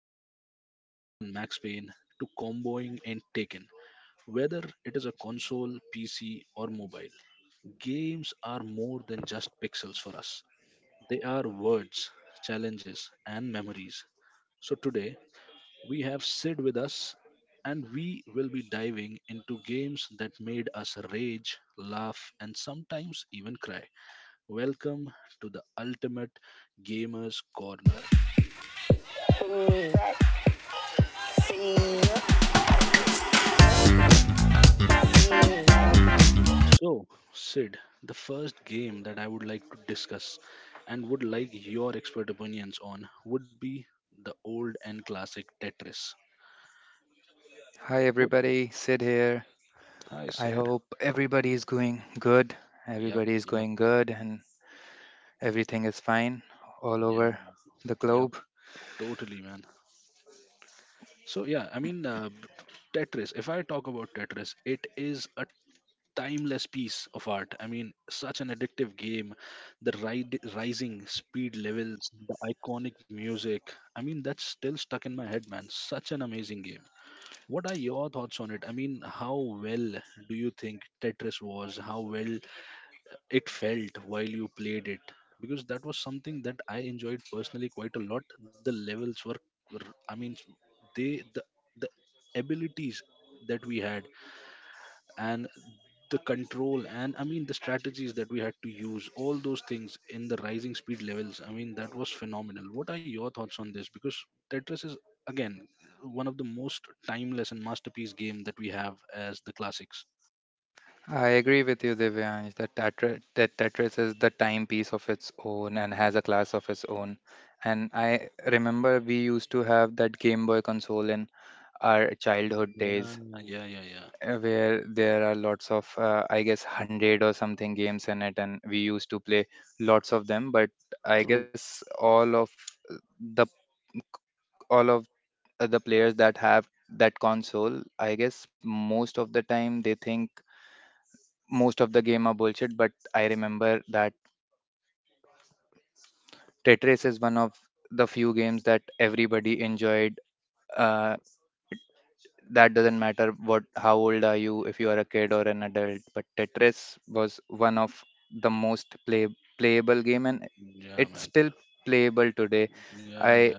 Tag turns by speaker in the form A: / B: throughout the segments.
A: From dodging bullets in Max Payne to comboing in Taken, whether it is a console, PC, or mobile, games are more than just pixels for us. They are words, challenges, and memories. So today we have Sid with us and we will be diving into games that made us rage, laugh, and sometimes even cry. Welcome to the Ultimate Gamers Corner. So, Sid, the first game that I would like to discuss and would like your expert opinions on would be the old and classic Tetris.
B: Hi
A: What?
B: everybody, Sid here.
A: Hi,
B: I
A: Sid.
B: hope everybody is going good.
A: Yep,
B: Everybody is
A: yep.
B: going good and everything is fine all
A: Yeah,
B: over
A: man.
B: the
A: Yep,
B: globe.
A: totally, man. So yeah, I mean, Tetris. If I talk about Tetris, it is a timeless piece of art. I mean, such an addictive game. The ride, rising speed levels, the iconic music. I mean, that's still stuck in my head, man. Such an amazing game. What are your thoughts on it? I mean, how well do you think Tetris was? How well it felt while you played it, because that was something that I enjoyed personally quite a lot. The levels were. I mean, they the, the abilities that we had, and the control, and I mean the strategies that we had to use, all those things in the rising speed levels, I mean that was phenomenal. What are your thoughts on this? Because Tetris is, again, one of the most timeless and masterpiece game that we have as the classics.
B: I agree with you, Divyansh, that, that Tetris is the timepiece of its own and has a class of its own. And I remember we used to have that Game Boy console in our childhood days,
A: Yeah, yeah, yeah, yeah.
B: where there are lots of I guess 100 or something games in it, and we used to play lots of them. But I
A: True.
B: guess all of the all of the players that have that console, I guess most of the time they think most of the game are bullshit. But I remember that Tetris is one of the few games that everybody enjoyed. uh, that doesn't matter what, how old are you, if you are a kid or an adult, but Tetris was one of the playable game, and
A: Yeah,
B: it's
A: man.
B: still playable today.
A: Yeah,
B: I
A: yeah.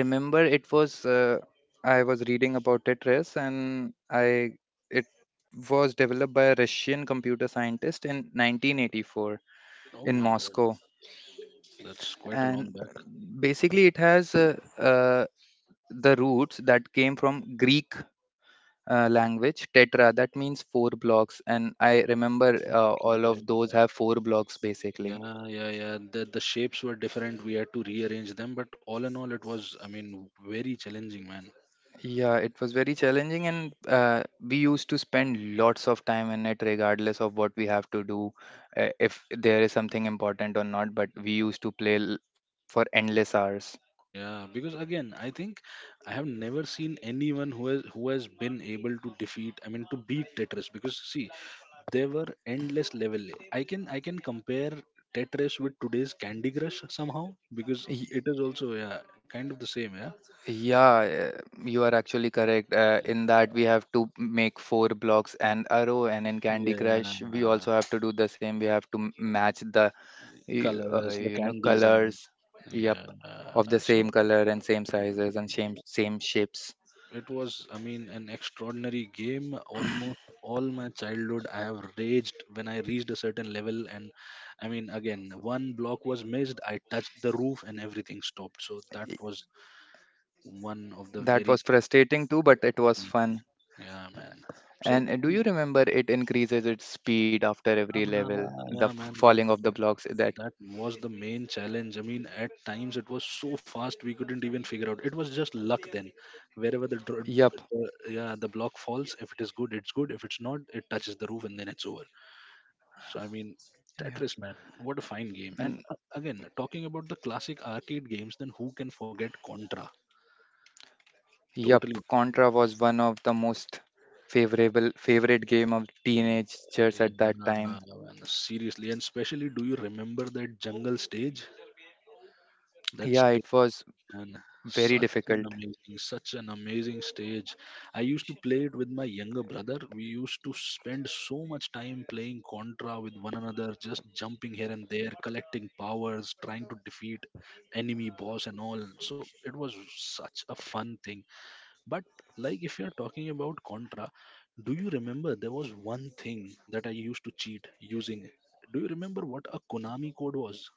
B: remember it was, I was reading about Tetris, and I it was developed by a Russian computer scientist in 1984
A: Oh
B: in
A: my God,
B: Moscow.
A: that's quite a long
B: And
A: back.
B: basically it has the roots that came from Greek, language tetra, that means four blocks. And I remember, all of those
A: Okay.
B: have four blocks basically.
A: Yeah, yeah, yeah. The shapes were different. We had to rearrange them, but all in all, it was, I mean, very challenging, man.
B: Yeah, it was very challenging, and we used to spend lots of time in it regardless of what we have to do, if there is something important or not. But we used to for endless hours.
A: Yeah, because again, I think I have never seen anyone who has been able to defeat, I mean, to beat Tetris. Because see, there were endless level. I can compare Tetris with today's Candy Crush somehow, because
B: Y-
A: it is also, yeah, kind of the same. Yeah.
B: Yeah, you are actually correct. In that, we have to make four blocks and arrow, and in Candy Crush, we
A: Yeah.
B: also have to do the same. We have to match the
A: Colors, the
B: you know,
A: candies, and all.
B: colors. Yep,
A: Yeah,
B: of the
A: so
B: same color and same sizes and same shapes.
A: it was, I mean, an extraordinary game. Almost all my childhood, I have raged when I reached a certain level. And I mean, again, one block was missed, I touched the roof, and everything stopped. So that was
B: Y-
A: one of the
B: that
A: very,
B: was frustrating too, but it was fun.
A: yeah, man. So,
B: And
A: I
B: do
A: mean,
B: you remember it increases its speed after every level,
A: yeah, man, that
B: falling of the blocks that,
A: That was the main challenge. I mean, at times it was so fast we couldn't even figure out. It was just luck then. Wherever the, dro-
B: yep.
A: the yeah the block falls, if it is good, it's good. If it's not, it touches the roof and then it's over. So I mean,
B: Yeah,
A: Tetris, man, what a fine game. And
B: and
A: again, talking about the classic arcade games, then who can forget Contra?
B: yep,
A: Totally.
B: Contra was one of the most favorable favorite game of
A: Yeah,
B: teenagers at
A: yeah,
B: that time.
A: man. Seriously, and especially, do you remember that jungle stage? That's
B: Yeah, it was
A: and
B: very
A: such an
B: difficult.
A: amazing such an amazing stage. I used to play it with my younger brother. We used to spend so much time playing Contra with one another, just jumping here and there, collecting powers, trying to defeat enemy boss and all. So it was such a fun thing. But, like, if you're talking about Contra, do you remember there was one thing that I used to cheat using? Do you remember what a Konami code was?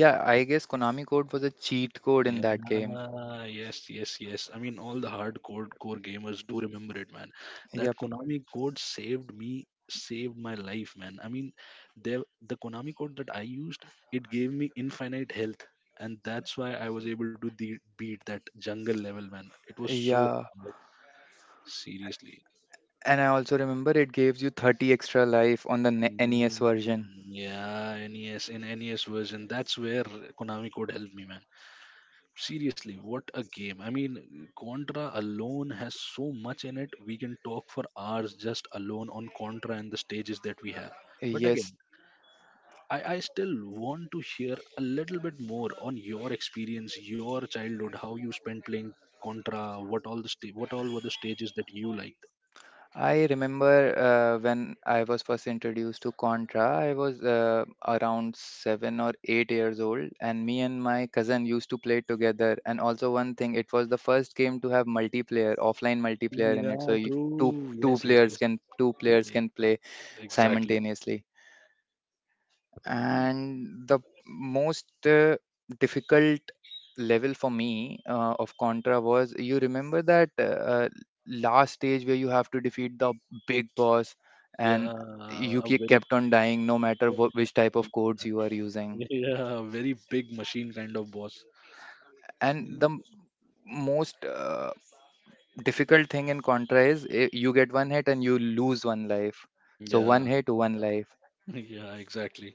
B: Yeah, I guess Konami code was a cheat code in that game.
A: Yeah, yes, yes, yes. I mean, all the hardcore core gamers do remember it, man. That
B: Yep.
A: Konami code saved me, saved my life, man. I mean, the Konami code that I used, it gave me infinite health, and that's why I was able to de beat that jungle level, man. It was so
B: Yeah,
A: hard, seriously.
B: and I also remember it gives you 30 extra life on the NES
A: Mm.
B: version.
A: Yeah, NES, in NES version, that's where Konami code helped me, man. Seriously, what a game. I mean, Contra alone has so much in it, we can talk for hours just alone on Contra and the stages that we have. But again,
B: Yes,
A: I still want to hear a little bit more on your experience, your childhood, how you spent playing Contra, what all were the stages that you liked.
B: I remember, when I was first introduced to Contra, I was, around 7 or 8 years old, and me and my cousin used to play it together. And also, one thing, it was the first game to have multiplayer, offline multiplayer in it. So
A: Yeah,
B: you, two
A: true. Yes, yes, yes.
B: two players
A: Yeah,
B: can play
A: exactly.
B: simultaneously. And the most, difficult level for me, of Contra, was, you remember that, last stage where you have to defeat the big boss, and
A: yeah
B: you
A: a very
B: kept on dying no matter which type of codes you are using.
A: Yeah, a very big machine kind of boss.
B: And the most, difficult thing in Contra is, eh, you get one hit and you lose one life. So one
A: Yeah.
B: hit, one life.
A: Yeah, exactly.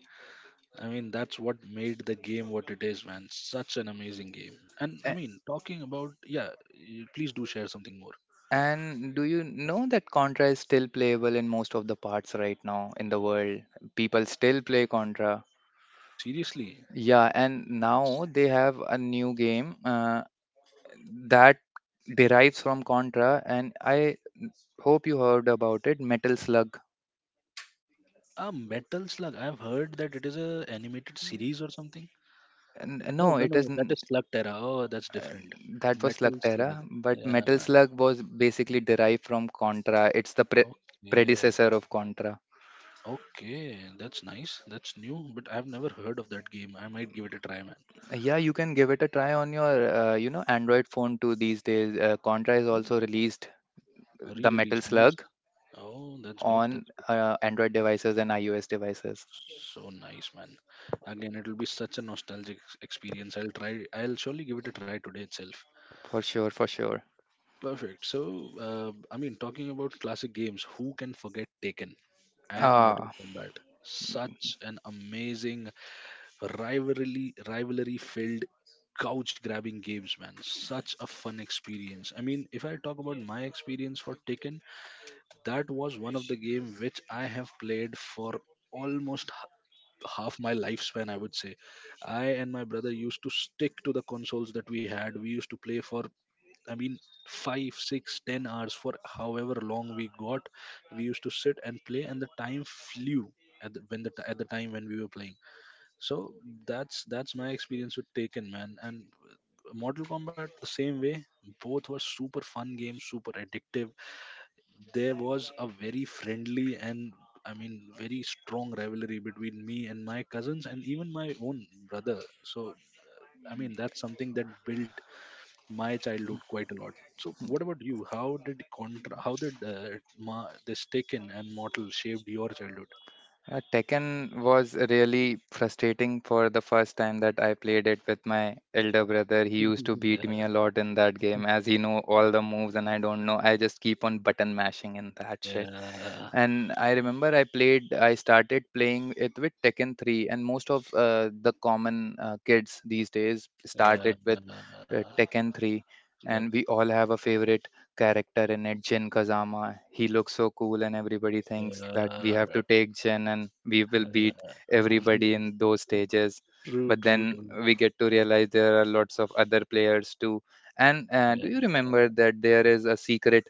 A: I mean, that's what made the game what it is, man. Such an amazing game. And I mean, talking about, yeah, please do share something more.
B: And do you know that Contra is still playable in most of the parts right now in the world? People still play Contra.
A: Seriously.
B: Yeah, and now they have a new game, that derives from Contra, and I hope you heard about it, Metal Slug.
A: Uh, Metal Slug. I've heard that it is a animated series or something. No,
B: No,
A: no,
B: it
A: no, no. That
B: isn't.
A: is Slug Terra. Oh, that's
B: Uh,
A: different.
B: that was
A: Metal Slug.
B: Slugterra, but
A: Yeah.
B: Metal Slug was basically derived from Contra. It's the
A: Okay.
B: predecessor of Contra.
A: Okay. That's nice. That's new, but I've never heard of that game. I might give it a try, man.
B: Yeah, you can give it a try on your, you know, Android phone too these days. Contra has
A: Hmm,
B: also released
A: a
B: the Metal
A: re-release. Nice.
B: Slug
A: Oh, that's good.
B: on,
A: That's good.
B: Android devices and iOS devices.
A: So nice, man. Again, it'll be such a nostalgic experience. I'll try. I'll surely give it a try today itself.
B: For sure, for sure.
A: Perfect. So, I mean, talking about classic games, who can forget Taken and Mortal
B: Ah,
A: Kombat? Such an amazing rivalry-filled couch grabbing games, man, such a fun experience. I mean, if I talk about my experience for Taken, that was one of the game which I have played for almost half my lifespan, I would say. I and my brother used to stick to the consoles that we had. We used to play for, I mean, 5, 6, 10 hours, for however long we got. We used to sit and play, and the time flew at the time when we were playing. So that's my experience with Taken, man. And Mortal Kombat the same way. Both were super fun games, super addictive. There was a very friendly and, I mean, very strong rivalry between me and my cousins and even my own brother. So I mean that's something that built my childhood quite a lot. So what about you? How did contra how did ma- this Taken and Mortal shaped your childhood?
B: Tekken was really frustrating for the first time that I played it with my elder brother. He used to beat
A: Yeah,
B: me a lot in that game as he know all the moves and I don't know. I just keep on button mashing in that shit.
A: yeah,
B: And I remember I started playing it with Tekken 3, and most of, the common, kids these days
A: yeah,
B: started with, Tekken 3.
A: yep,
B: And we all have a favorite character in it, Jin Kazama. He looks so cool, and everybody thinks that
A: yeah.
B: we have to take Jin and we will beat everybody in those stages.
A: True,
B: But
A: true,
B: then
A: true.
B: we get to realize there are lots of other players too. And
A: Yeah,
B: do you remember that there is a secret,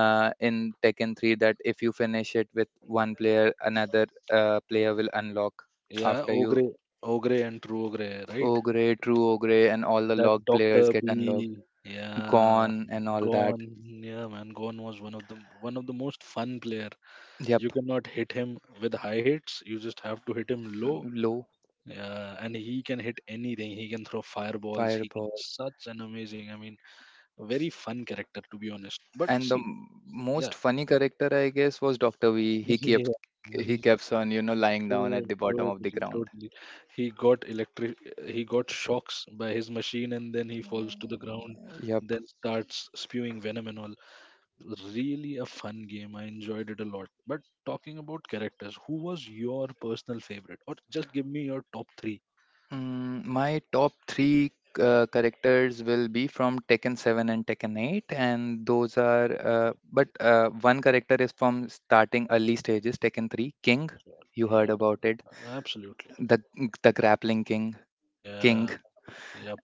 B: in Tekken 3, that if you finish it with one player, another, player will unlock
A: yeah,
B: after you.
A: Ogre. Ogre, and True Ogre, right?
B: Ogre, True Ogre, and all the
A: That
B: log players
A: Doctor
B: get unlocked.
A: B, yeah.
B: Gone and all that.
A: Gone, yeah, man, Gone was one of the most fun player. You
B: Yep.
A: cannot hit him with high hits. You just have to hit him low.
B: Low
A: Yeah, and he can hit anything. He can throw fireballs. He can
B: fireball.
A: Such an amazing. I mean, a very fun character to be honest. But
B: And the
A: see, yeah,
B: most funny character, I guess, was Doctor V.
A: yeah,
B: He kept on, you know, lying down
A: true,
B: at the bottom of the
A: totally,
B: ground.
A: totally. He got electric. He got shocks by his machine, and then he falls to
B: No.
A: the ground.
B: Yep.
A: Then starts spewing venom and all. Really a fun game. I enjoyed it a lot. But talking about characters, who was your personal favorite? Or just give me your top three.
B: Mm, my top three, characters will be from Tekken 7 and Tekken 8, and those are, but one character is from starting early stages, Tekken 3, King. You heard
A: Yeah,
B: about it,
A: absolutely.
B: the grappling king, King.
A: Yeah, yep.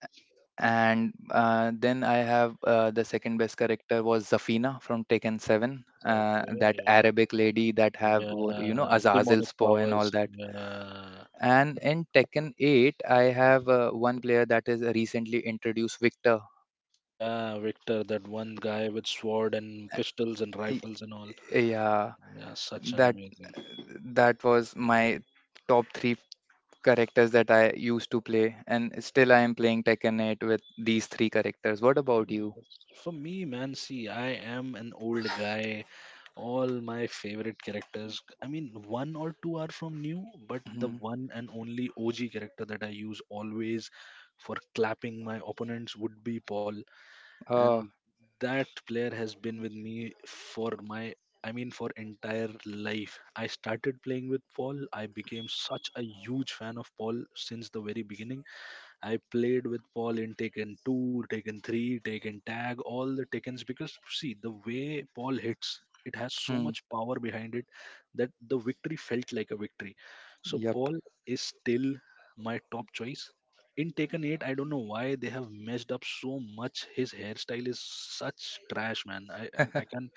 B: And then I have, the second best character was Zafina from Tekken 7,
A: Okay,
B: that
A: yeah,
B: Arabic lady that you know,
A: yeah. Demonic
B: Azazel's paw and all.
A: powers. Yeah,
B: And in Tekken 8, I have, one player that is recently introduced, Victor.
A: yeah. Victor, that one guy with sword and pistols and
B: Y-
A: rifles and all.
B: Yeah,
A: Yeah, such an
B: that
A: amazing.
B: that was my top three characters that I used to play, and still I am playing Tekken 8 with these three characters. What about you?
A: For me, man, see, I am an old guy, all my favorite characters. I mean, one or two are from new, but the
B: Hmm.
A: one and only OG character that I use always for clapping my opponents would be Paul.
B: Uh,
A: And that player has been with me for my, I mean, for entire life. I started playing with Paul. I became such a huge fan of Paul since the very beginning. I played with Paul in Taken 2, Taken 3, Taken Tag, all the Takens, because see the way Paul hits, it has so
B: hmm.
A: much power behind it, that the victory felt like a victory. So
B: Yep.
A: Paul is still my top choice. In Taken 8, I don't know why they have messed up so much. His hairstyle is such trash, man. I can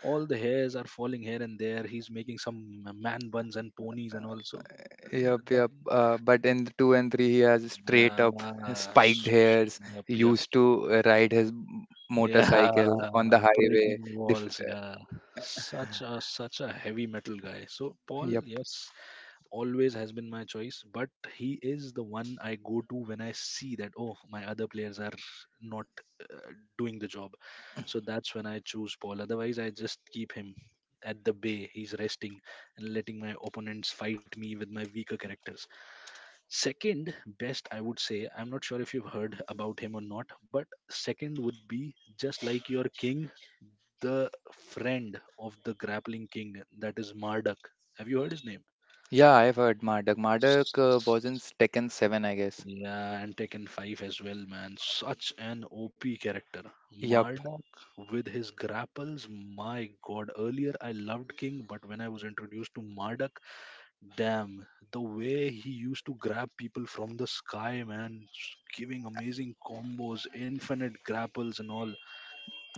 A: All the hairs are falling here and there. He's making some man buns and ponies and all. So
B: Yep. Yep. But in the two and three, he has straight up
A: yeah.
B: spiked hairs.
A: Yep, yep.
B: Used to ride his
A: Yeah,
B: motorcycle on the highway.
A: breaking
B: Diff-
A: walls. Yeah, such a heavy metal guy. So Paul,
B: yep.
A: yes, always has been my choice, but he is the one I go to when I see that, oh, my other players are not, uh, doing the job. So that's when I choose Paul. Otherwise, I just keep him at the bay. He's resting and letting my opponents fight me with my weaker characters. Second best, I would say, I'm not sure if you've heard about him or not, but second would be just like your king, the friend of the grappling king, that is Marduk. Have you heard his name?
B: Yeah, I've heard Marduk. Marduk, wasn't Tekken 7, I guess.
A: Yeah, and Tekken 5 as well, man. Such an OP character.
B: Yup.
A: Marduk with his grapples, my god. Earlier I loved King, but when I was introduced to Marduk, damn, the way he used to grab people from the sky, man, giving amazing combos, infinite grapples and all.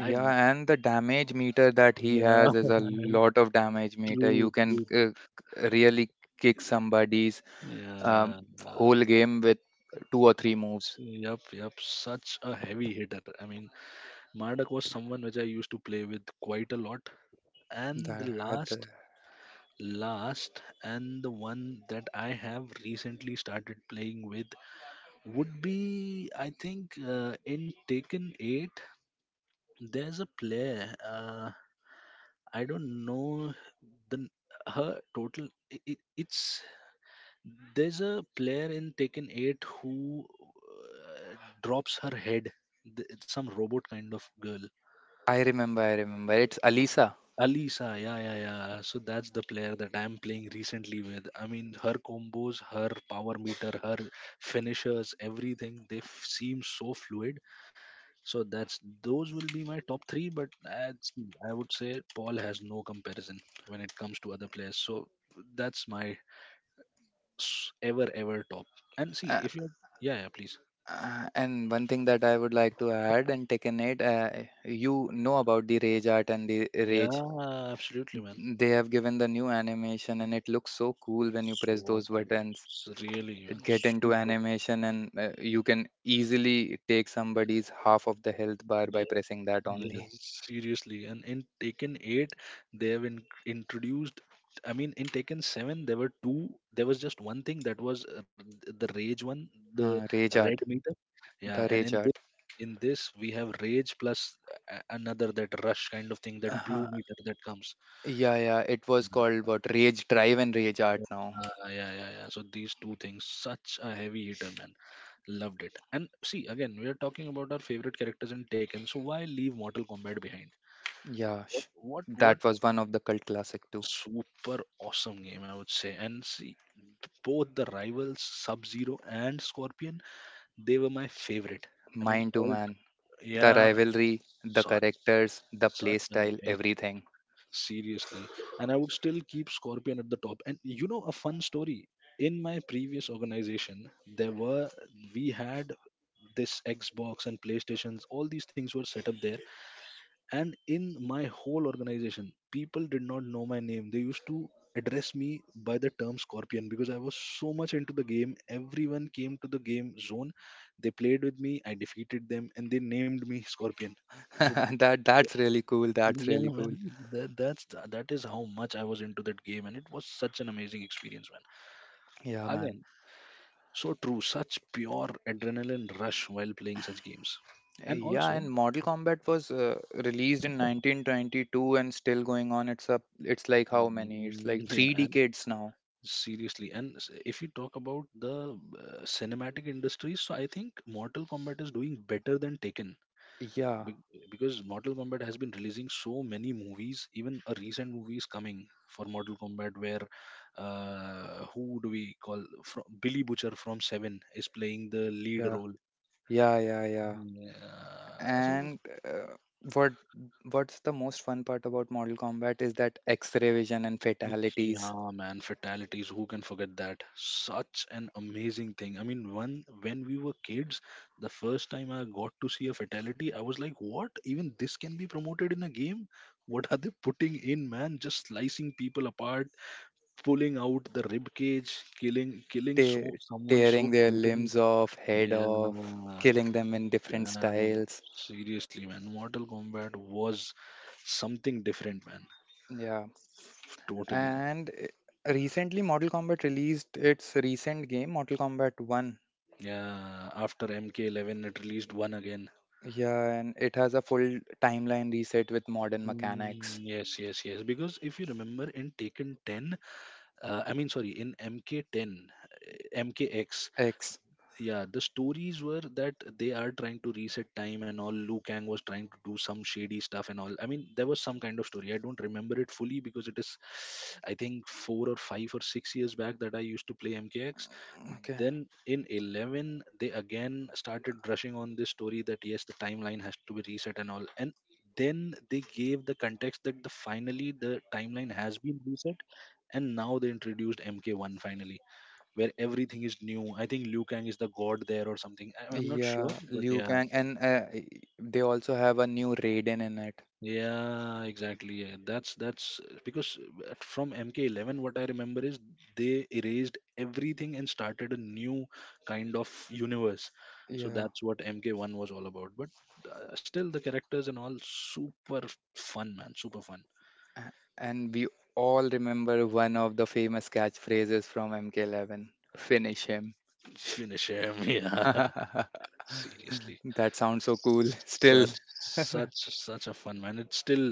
A: I'm
B: and the damage meter that he
A: yeah,
B: has is a lot of damage meter.
A: true,
B: You can,
A: true, true.
B: really kick somebody's, um,
A: Yeah, uh,
B: whole game with two or three moves.
A: yep, such a heavy hitter. I mean, Marduk was someone which I used to play with quite a lot. And the
B: That,
A: last, last, and the one that I have recently started playing with would be, I think, in Taken 8, there's a player. I don't know the her total. It, it's there's a player in Taken 8 who drops her head. It's some robot kind of girl.
B: I remember, I remember. It's Alisa.
A: Alisa, yeah, yeah, yeah. So that's the player that I'm playing recently with. I mean, her combos, her power meter, her finishers, everything, seem so fluid. So that's those will be my top three. But I see, I would say Paul has no comparison when it comes to other players. So that's my ever, ever top. And see,
B: Uh,
A: if you're, yeah, yeah, please.
B: and one thing that I would like to add in Tekken 8, you know about the rage art and the rage,
A: Yeah, absolutely, man.
B: they have given the new animation, and it looks so cool when you
A: So
B: press those
A: cool.
B: buttons.
A: Really,
B: It
A: man.
B: get into
A: Super.
B: animation, and you can easily take somebody's half of the health bar by
A: Yeah,
B: pressing that only.
A: yes, seriously. And in Taken 8, they have in introduced. I mean, in Taken 7, there were two. There was just one thing that was the rage one, the
B: Rage
A: red
B: art
A: meter. Yeah,
B: The
A: and
B: rage
A: in this,
B: art.
A: in this we have rage plus another that rush kind of thing, that
B: uh
A: blue meter that comes.
B: yeah, yeah, it was called what, rage drive and rage art
A: Uh,
B: now.
A: yeah, yeah, yeah. So these two things, such a heavy hitter, man. Loved it. And see, again, we are talking about our favorite characters in Taken. So why leave Mortal Kombat behind?
B: yeah
A: What
B: sh-
A: what what
B: that was one of the cult classic too.
A: super awesome game I would say. And see, both the rivals Sub Zero and Scorpion, they were my favorite. I mean,
B: Mine too,
A: all
B: man. The
A: yeah, man,
B: rivalry, the
A: such
B: characters, the
A: such
B: play
A: an
B: style,
A: amazing.
B: everything.
A: Seriously, and I would still keep Scorpion at the top. And you know a fun story, in my previous organization there were we had this Xbox and PlayStations. All these things were set up there, and in my whole organization people did not know my name. They used to address me by the term Scorpion because I was so much into the game. Everyone came to the game zone, they played with me, I defeated them, and they named me Scorpion. So
B: That's really cool, that's
A: yeah,
B: really
A: man,
B: cool.
A: that is how much I was into that game, and it was such an amazing experience, man.
B: Yeah, man.
A: Again, so true, such pure adrenaline rush while playing such games, and
B: Yeah, and
A: also,
B: Mortal Kombat was, released in 1922 and still going on. It's up. It's like how many? It's like
A: yeah,
B: three
A: and
B: decades now.
A: seriously. And if you talk about the cinematic industries, so I think Mortal Kombat is doing better than Taken.
B: Yeah,
A: Be- because Mortal Kombat has been releasing so many movies, even a recent movie is coming for Mortal Kombat where who do we call from, Billy Butcher from Seven is playing the lead
B: yeah,
A: role.
B: yeah, yeah, yeah.
A: Yeah, so
B: And uh, what what's the most fun part about Mortal Kombat is that X-ray vision and fatalities,
A: yeah, man, fatalities. Who can forget that? Such an amazing thing. I mean, one when we were kids, the first time I got to see a fatality, I was like, what? Even this can be promoted in a game? What are they putting in, man? Just slicing people apart, pulling out the rib cage, killing
B: te-
A: someone
B: tearing
A: so
B: their
A: brutally.
B: limbs off, head
A: Yeah,
B: off, killing them in different
A: damn.
B: styles.
A: Seriously, man, Mortal Kombat was something different, man.
B: Yeah,
A: Totally.
B: and recently Mortal Kombat released its recent game, Mortal Kombat 1.
A: Yeah, after MK11, it released one again.
B: Yeah, and it has a full timeline reset with modern
A: Mm,
B: mechanics.
A: yes, yes, yes. Because if you remember in Taken 10, I mean, sorry, in MK10, MKX,
B: X.
A: yeah, the stories were that they are trying to reset time and all. Liu Kang was trying to do some shady stuff and all. I mean, there was some kind of story, I don't remember it fully because it is, I think, 4 or 5 or 6 years back that I used to play MKX.
B: Okay.
A: Then in 11 they again started brushing on this story that yes, the timeline has to be reset and all, and then they gave the context that the finally the timeline has been reset, and now they introduced MK1 finally, where everything is new. I think Liu Kang is the god there or something. I'm not
B: Yeah,
A: sure, but
B: Liu
A: yeah,
B: Kang, and they also have a new Raiden in it.
A: yeah, exactly. Yeah. That's because from MK11, what I remember is they erased everything and started a new kind of universe. So
B: Yeah,
A: that's what MK1 was all about. But still, the characters and all, super fun, man, super fun.
B: a- and we all remember one of the famous catchphrases from MK11. Finish him.
A: Finish him, yeah. Seriously.
B: That sounds so cool. Still,
A: such such Such a fun, man. It still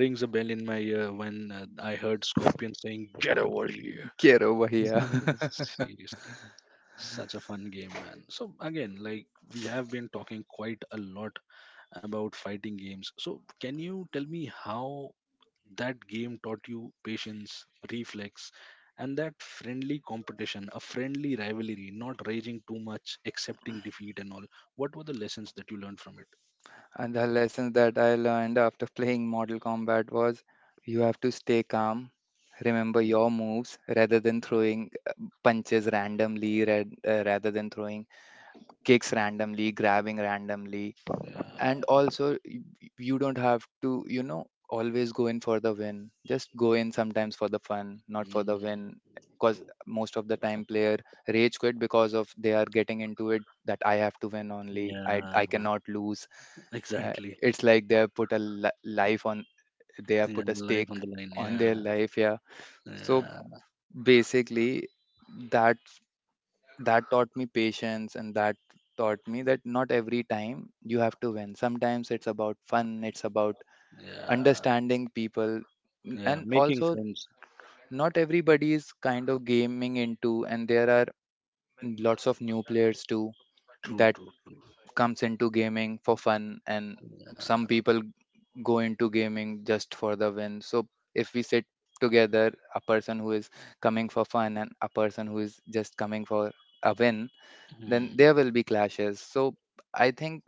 A: rings a bell in my ear when I heard Scorpion saying get over here.
B: get over here.
A: Seriously, such a fun game, man. So again, like, we have been talking quite a lot about fighting games, so can you tell me how that game taught you patience, reflex, and that friendly competition, a friendly rivalry, not raging too much, accepting defeat and all? What were the lessons that you learned from it?
B: And the lessons that I learned after playing Mortal Kombat was you have to stay calm, remember your moves rather than throwing, punches randomly, rather than throwing kicks randomly, grabbing randomly.
A: Yeah,
B: And also you don't have to, you know, always go in for the win. Just go in sometimes for the fun, not for the
A: mm,
B: win. Because
A: true.
B: most of the time player rage quit because of they are getting into it that I have to win only,
A: Yeah,
B: I cannot lose. Uh,
A: exactly.
B: it's like they have put a li- life on they have
A: Yeah,
B: put a
A: life
B: stake
A: on the line.
B: on their
A: Yeah,
B: life, yeah. So
A: yeah,
B: basically, that that taught me patience, and that taught me that not every time you have to win. Sometimes it's about fun, it's about
A: yeah,
B: understanding people.
A: yeah.
B: And
A: Making
B: also
A: friends.
B: not everybody is kind of gaming into, and there are lots of new players too,
A: True,
B: that
A: true, true.
B: comes into gaming for fun. And some people go into gaming just for the win. So if we sit together, a person who is coming for fun and a person who is just coming for a win, then there
A: Hmm.
B: will be clashes. So I think,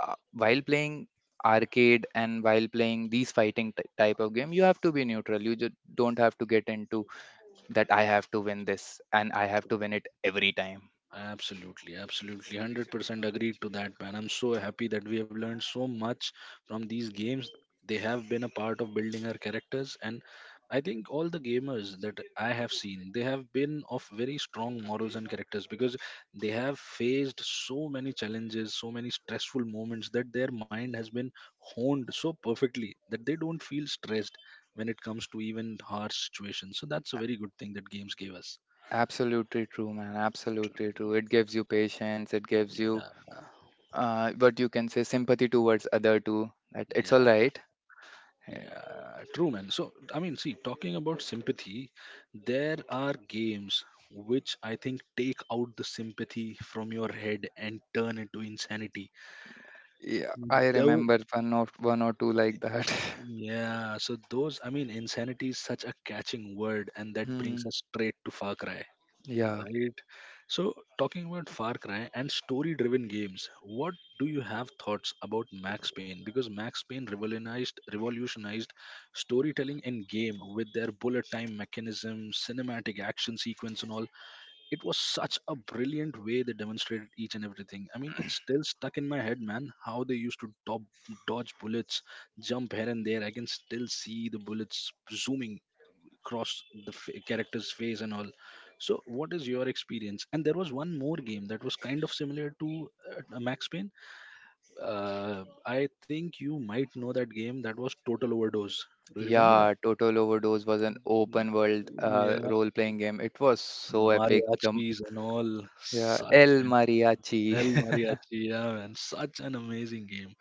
B: while playing arcade and while playing these fighting type of game, you have to be neutral. You just don't have to get into that I have to win this, and I have to win it every time.
A: Absolutely, absolutely, 100% agreed to that, man. I'm so happy that we have learned so much from these games. They have been a part of building our characters, and I think all the gamers that I have seen, they have been of very strong morals and characters because they have faced so many challenges, so many stressful moments that their mind has been honed so perfectly that they don't feel stressed when it comes to even harsh situations. So that's a very good thing that games gave us.
B: Absolutely true, man. Absolutely true. It gives you patience. It gives
A: Yeah,
B: you, what you can say, sympathy towards other too. That it's all
A: yeah.
B: right.
A: Yeah, true, man. So, I mean, see, talking about sympathy, there are games which I think take out the sympathy from your head and turn it to insanity.
B: Yeah, I
A: Though,
B: remember one or two like that.
A: yeah, so those, I mean, insanity is such a catching word, and that brings
B: Hmm.
A: us straight to Far Cry.
B: Yeah.
A: Right. So, talking about Far Cry and story driven games, what do you have thoughts about Max Payne? Because Max Payne revolutionized storytelling in game with their bullet time mechanism, cinematic action sequence, and all. It was such a brilliant way they demonstrated each and everything. I mean, it's still stuck in my head, man, how they used dodge bullets, jump here and there. I can still see the bullets zooming across the character's face and all. So what is your experience? And there was one more game that was kind of similar to Max Payne. I think you might know that game, that was Total Overdose. Do you remember that?
B: Yeah, Total Overdose was an
A: Mm,
B: open world
A: yeah,
B: role playing game. It was so epic.
A: mariachis and all,
B: Yeah,
A: such
B: El
A: an
B: Mariachi.
A: El Mariachi, yeah, man, such an amazing game.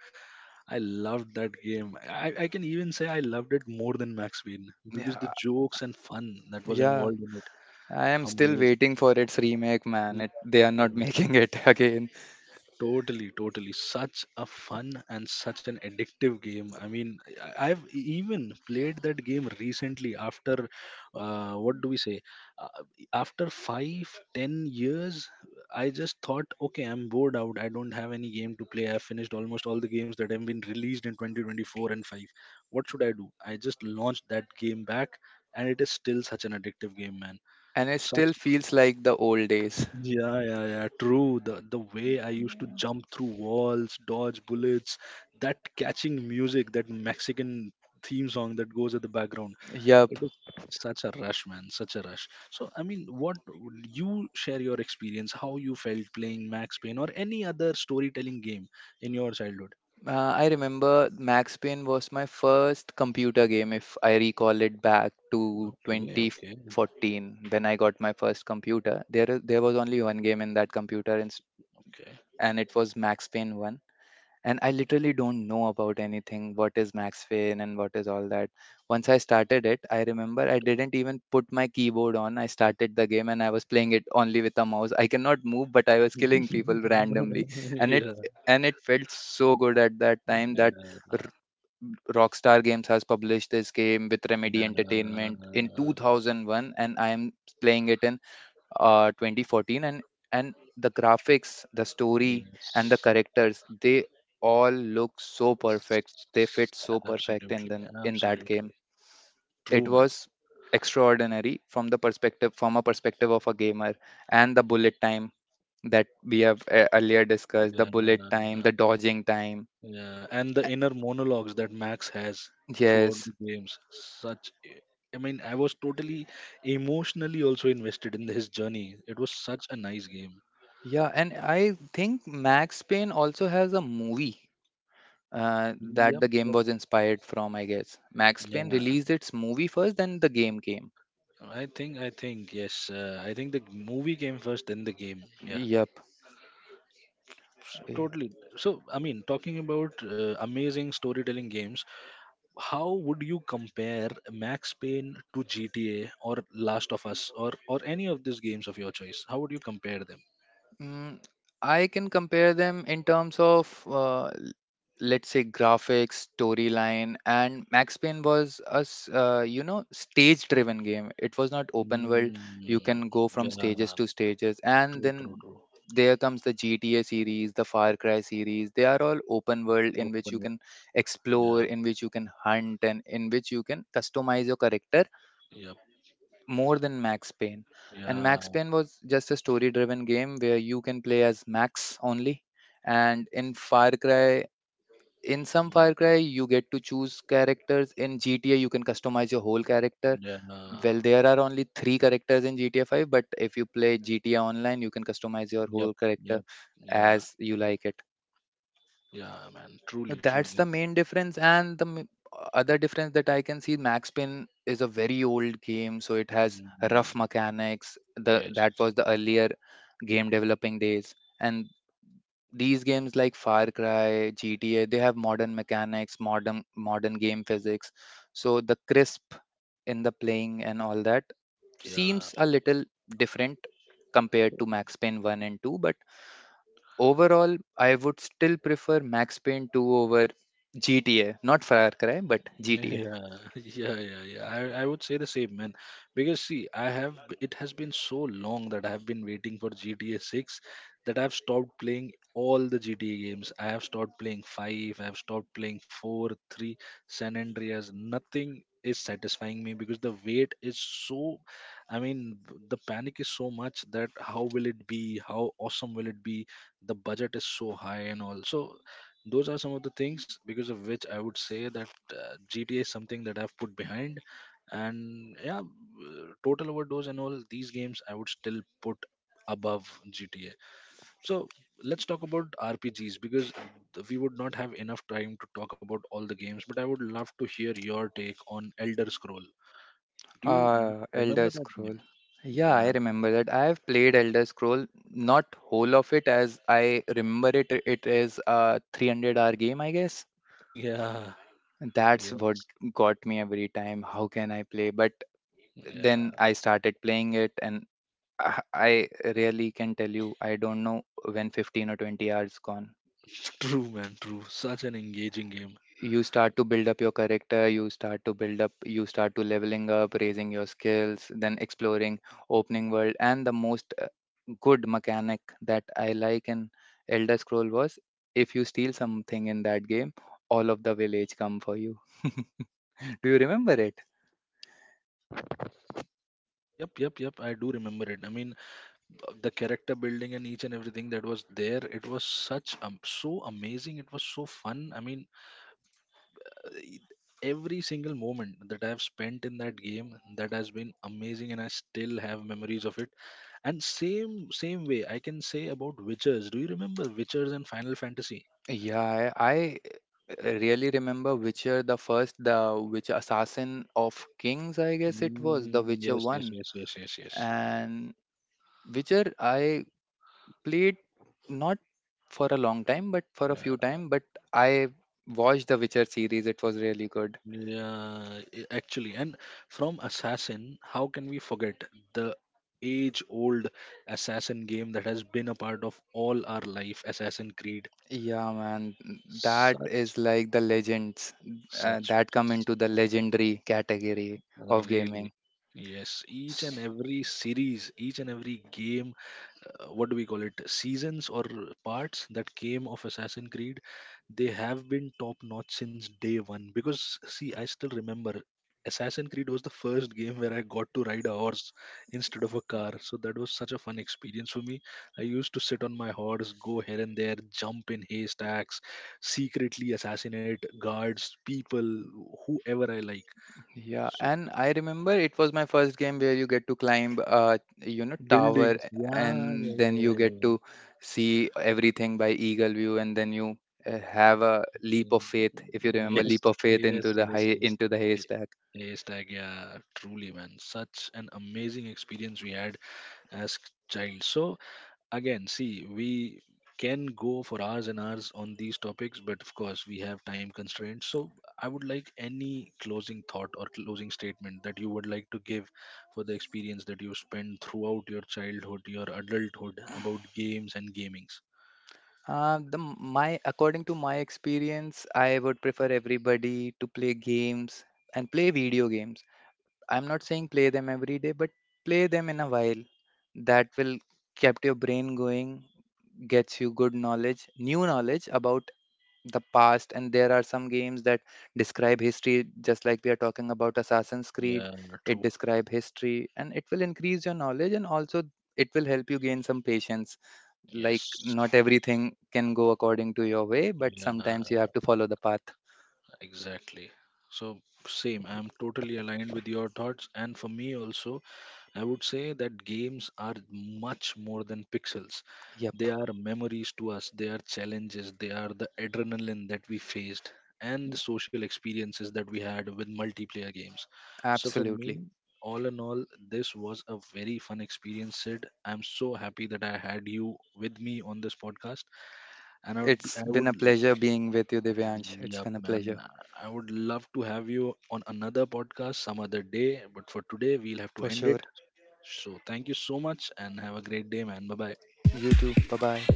A: I loved that game. I can even say I loved it more than Max Payne, because
B: Yeah,
A: the jokes and fun that was
B: yeah.
A: involved in it,
B: I am still
A: amazing.
B: waiting for its remake, man. It, they are not
A: Yeah,
B: making it again.
A: totally, totally. Such a fun and such an addictive game. I mean, I've even played that game recently after, what do we say? Uh, after five, 10 years. I just thought, okay, I'm bored out. I don't have any game to play. I've finished almost all the games that have been released in 2024 and 5. What should I do? I just launched that game back, and it is still such an addictive game, man.
B: And it
A: Such
B: still feels like the old days.
A: yeah, yeah, yeah. True. The way I used to jump through walls, dodge bullets, that catching music, that Mexican theme song that goes at the background.
B: Yup.
A: It is such a rush, man. Such a rush. So, I mean, what would you share your experience, how you felt playing Max Payne or any other storytelling game in your childhood?
B: I remember Max Payne was my first computer game, if I recall it back to
A: Okay, okay,
B: 2014 when I got my first computer. There was only one game in that computer,
A: okay.
B: and it was Max Payne 1, and I literally don't know about anything. What is Max Fin and what is all that? Once I started it, I remember I didn't even put my keyboard on. I started the game and I was playing it only with a mouse. I cannot move, but I was killing people randomly, and it
A: yeah.
B: and it felt so good at that time that r- Rockstar Games has published this game with
A: Yeah,
B: Remedy Entertainment in
A: yeah,
B: 2001, and I am playing it in 2014, and the graphics, the story, and the
A: yes.
B: characters, they all look so perfect. They fit so perfect in
A: Absolutely,
B: in that game.
A: absolutely.
B: It
A: True, man.
B: was extraordinary from the perspective from a perspective of a gamer, and the bullet time that we have earlier discussed, the
A: Yeah,
B: bullet time, the dodging time,
A: yeah. And the inner monologues that Max has throughout
B: yes.
A: the games, such. I mean, I was totally emotionally also invested in his journey. It was such a nice game.
B: Yeah, and I think Max Payne also has a movie,
A: Yep,
B: that the game
A: yep.
B: was inspired from, I guess. Max Payne
A: Yeah,
B: released its movie first, then the game came.
A: I think, yes. I think the movie came first, then the game. Yeah,
B: Yep.
A: totally. So, I mean, talking about amazing storytelling games, how would you compare Max Payne to GTA or Last of Us or any of these games of your choice? How would you compare them?
B: Mm, I can compare them in terms of, let's say, graphics, storyline. And Max Payne was a, you know, stage-driven game. It was not open world.
A: Mm,
B: You can go from stages
A: yeah,
B: to stages, and
A: true, true,
B: then
A: true.
B: there comes the GTA series, the Far Cry series. They are all open world, in which
A: Open
B: you
A: world.
B: can
A: Yeah,
B: explore, in which you can hunt, and in which you can customize your character
A: yep,
B: more than Max Payne. And
A: yeah,
B: Max Payne was just a story driven game where you can play as Max only. And in Far Cry, in some Far
A: mm,
B: Cry, you get to choose characters. In GTA, you can customize your whole character.
A: yeah,
B: Well, there are only three characters in GTA 5, but if you play GTA Online, you can customize your
A: yep,
B: whole character
A: yep, yeah,
B: as you like it.
A: yeah, man. Truly,
B: That's
A: truly.
B: the main difference. And other difference that I can see, Max Payne is a very old game, so it has rough
A: Mm,
B: mechanics. The
A: yes,
B: that was the earlier game developing days, and these games like Far Cry, GTA, they have modern mechanics, modern game physics. So the crisp in the playing and all that
A: yeah.
B: seems a little different compared to Max Payne 1 and 2. But overall, I would still prefer Max Payne 2 over GTA. Not Far Cry, but
A: Yeah,
B: GTA.
A: yeah, yeah, yeah. I would say the same, man. Because see, I have it has been so long that I have been waiting for GTA 6 that I've stopped playing all the GTA games. I have stopped playing 5, I've stopped playing 4, 3, San Andreas. Nothing is satisfying me because the wait is so, I mean, the panic is so much that how will it be? How awesome will it be? The budget is so high and all. So those are some of the things because of which I would say that GTA is something that I've put behind, and yeah, Total Overdose and all these games I would still put above GTA. So let's talk about RPGs because we would not have enough time to talk about all the games, but I would love to hear your take on Elder Scroll. Do you
B: Ah,
A: remember
B: Elder
A: that game?
B: Scroll. Yeah,
A: Yeah,
B: I remember that. I have played Elder Scroll, not whole of it, as I remember it. It is a 300-hour game, I guess.
A: yeah,
B: That's what
A: yes,
B: got me every time. How can I play? But then
A: yeah.
B: I started playing it, and I really can tell you, I don't know when 15 or 20 hours gone.
A: True, man, true. Such an engaging game.
B: You start to build up your character, you start to build up, you start to leveling up, raising your skills, then exploring, opening world. And the most good mechanic that I like in Elder Scroll was, if you steal something in that game, all of the village come for you. Do you remember it?
A: Yep, yep, yep. I do remember it. I mean, the character building and each and everything that was there, it was such, so amazing, it was so fun. I mean, uh, e- every single moment that I have spent in that game that has been amazing, and I still have memories of it. And same way I can say about Witchers. Do you remember Witchers and Final Fantasy?
B: Yeah, I really remember Witcher the first, the Witcher Assassin of Kings, I guess it was the
A: Mm,
B: Witcher
A: yes, yes,
B: one.
A: yes, yes, yes, yes.
B: And Witcher I played not for a long time, but for a few time. But I watched the Witcher series. It was really good.
A: Yeah, actually, and from Assassin, how can we forget the age old Assassin game that has been a part of all our life, Assassin Creed?
B: Yeah, man, that
A: Such,
B: is like the legends,
A: such,
B: that come into the legendary category of
A: really.
B: gaming.
A: Yes, each and
B: S-
A: every series, each and every game, what do we call it, seasons or parts that came of Assassin Creed, they have been top notch since day one. Because see, I still remember Assassin Creed was the first game where I got to ride a horse instead of a car, so that was such a fun experience for me. I used to sit on my horse, go here and there, jump in haystacks, secretly assassinate guards, people, whoever I like.
B: Yeah,
A: So
B: and I remember it was my first game where you get to climb, uh you know, tower,
A: buildings, yeah,
B: and
A: yeah, yeah,
B: then you
A: yeah, yeah,
B: get to
A: yeah.
B: see everything by eagle view, and then you have a leap of
A: Mm,
B: faith, if you remember,
A: yes,
B: leap of faith
A: yes,
B: into the
A: yes,
B: high,
A: yes.
B: into the
A: Y-
B: haystack.
A: Yes, like yeah, truly, man. Such an amazing experience we had as child. So again, see, we can go for hours and hours on these topics, but of course we have time constraints. So I would like any closing thought or closing statement that you would like to give for the experience that you spent throughout your childhood, your adulthood about games and gamings.
B: My, according to my experience, I would prefer everybody to play games and play video games. I'm not saying play them every day, but play them in a while. That will kept your brain going, gets you good knowledge, new knowledge about the past. And there are some games that describe history, just like we are talking about Assassin's Creed.
A: Yeah,
B: It
A: true.
B: describe history, and it will increase your knowledge, and also it will help you gain some patience, like
A: Yes.
B: not everything can go according to your way, but
A: Yeah,
B: sometimes you have to follow the path.
A: exactly. So, same, I'm totally aligned with your thoughts. And for me, also, I would say that games are much more than pixels.
B: Yep,
A: They are memories to us, they are challenges, they are the adrenaline that we faced, and the social experiences that we had with multiplayer games. So, for
B: absolutely.
A: me, all in all, this was a very fun experience, Sid. I'm so happy that I had you with me on this podcast. And I would,
B: It's
A: I
B: been a
A: would
B: pleasure being with you, Divyansh. It's
A: Yep,
B: been a
A: man.
B: pleasure.
A: I would love to have you on another podcast some other day, but for today, we'll have to
B: For
A: end
B: sure.
A: it. So, thank you so much and have a great day, man. Bye bye.
B: You too, bye bye.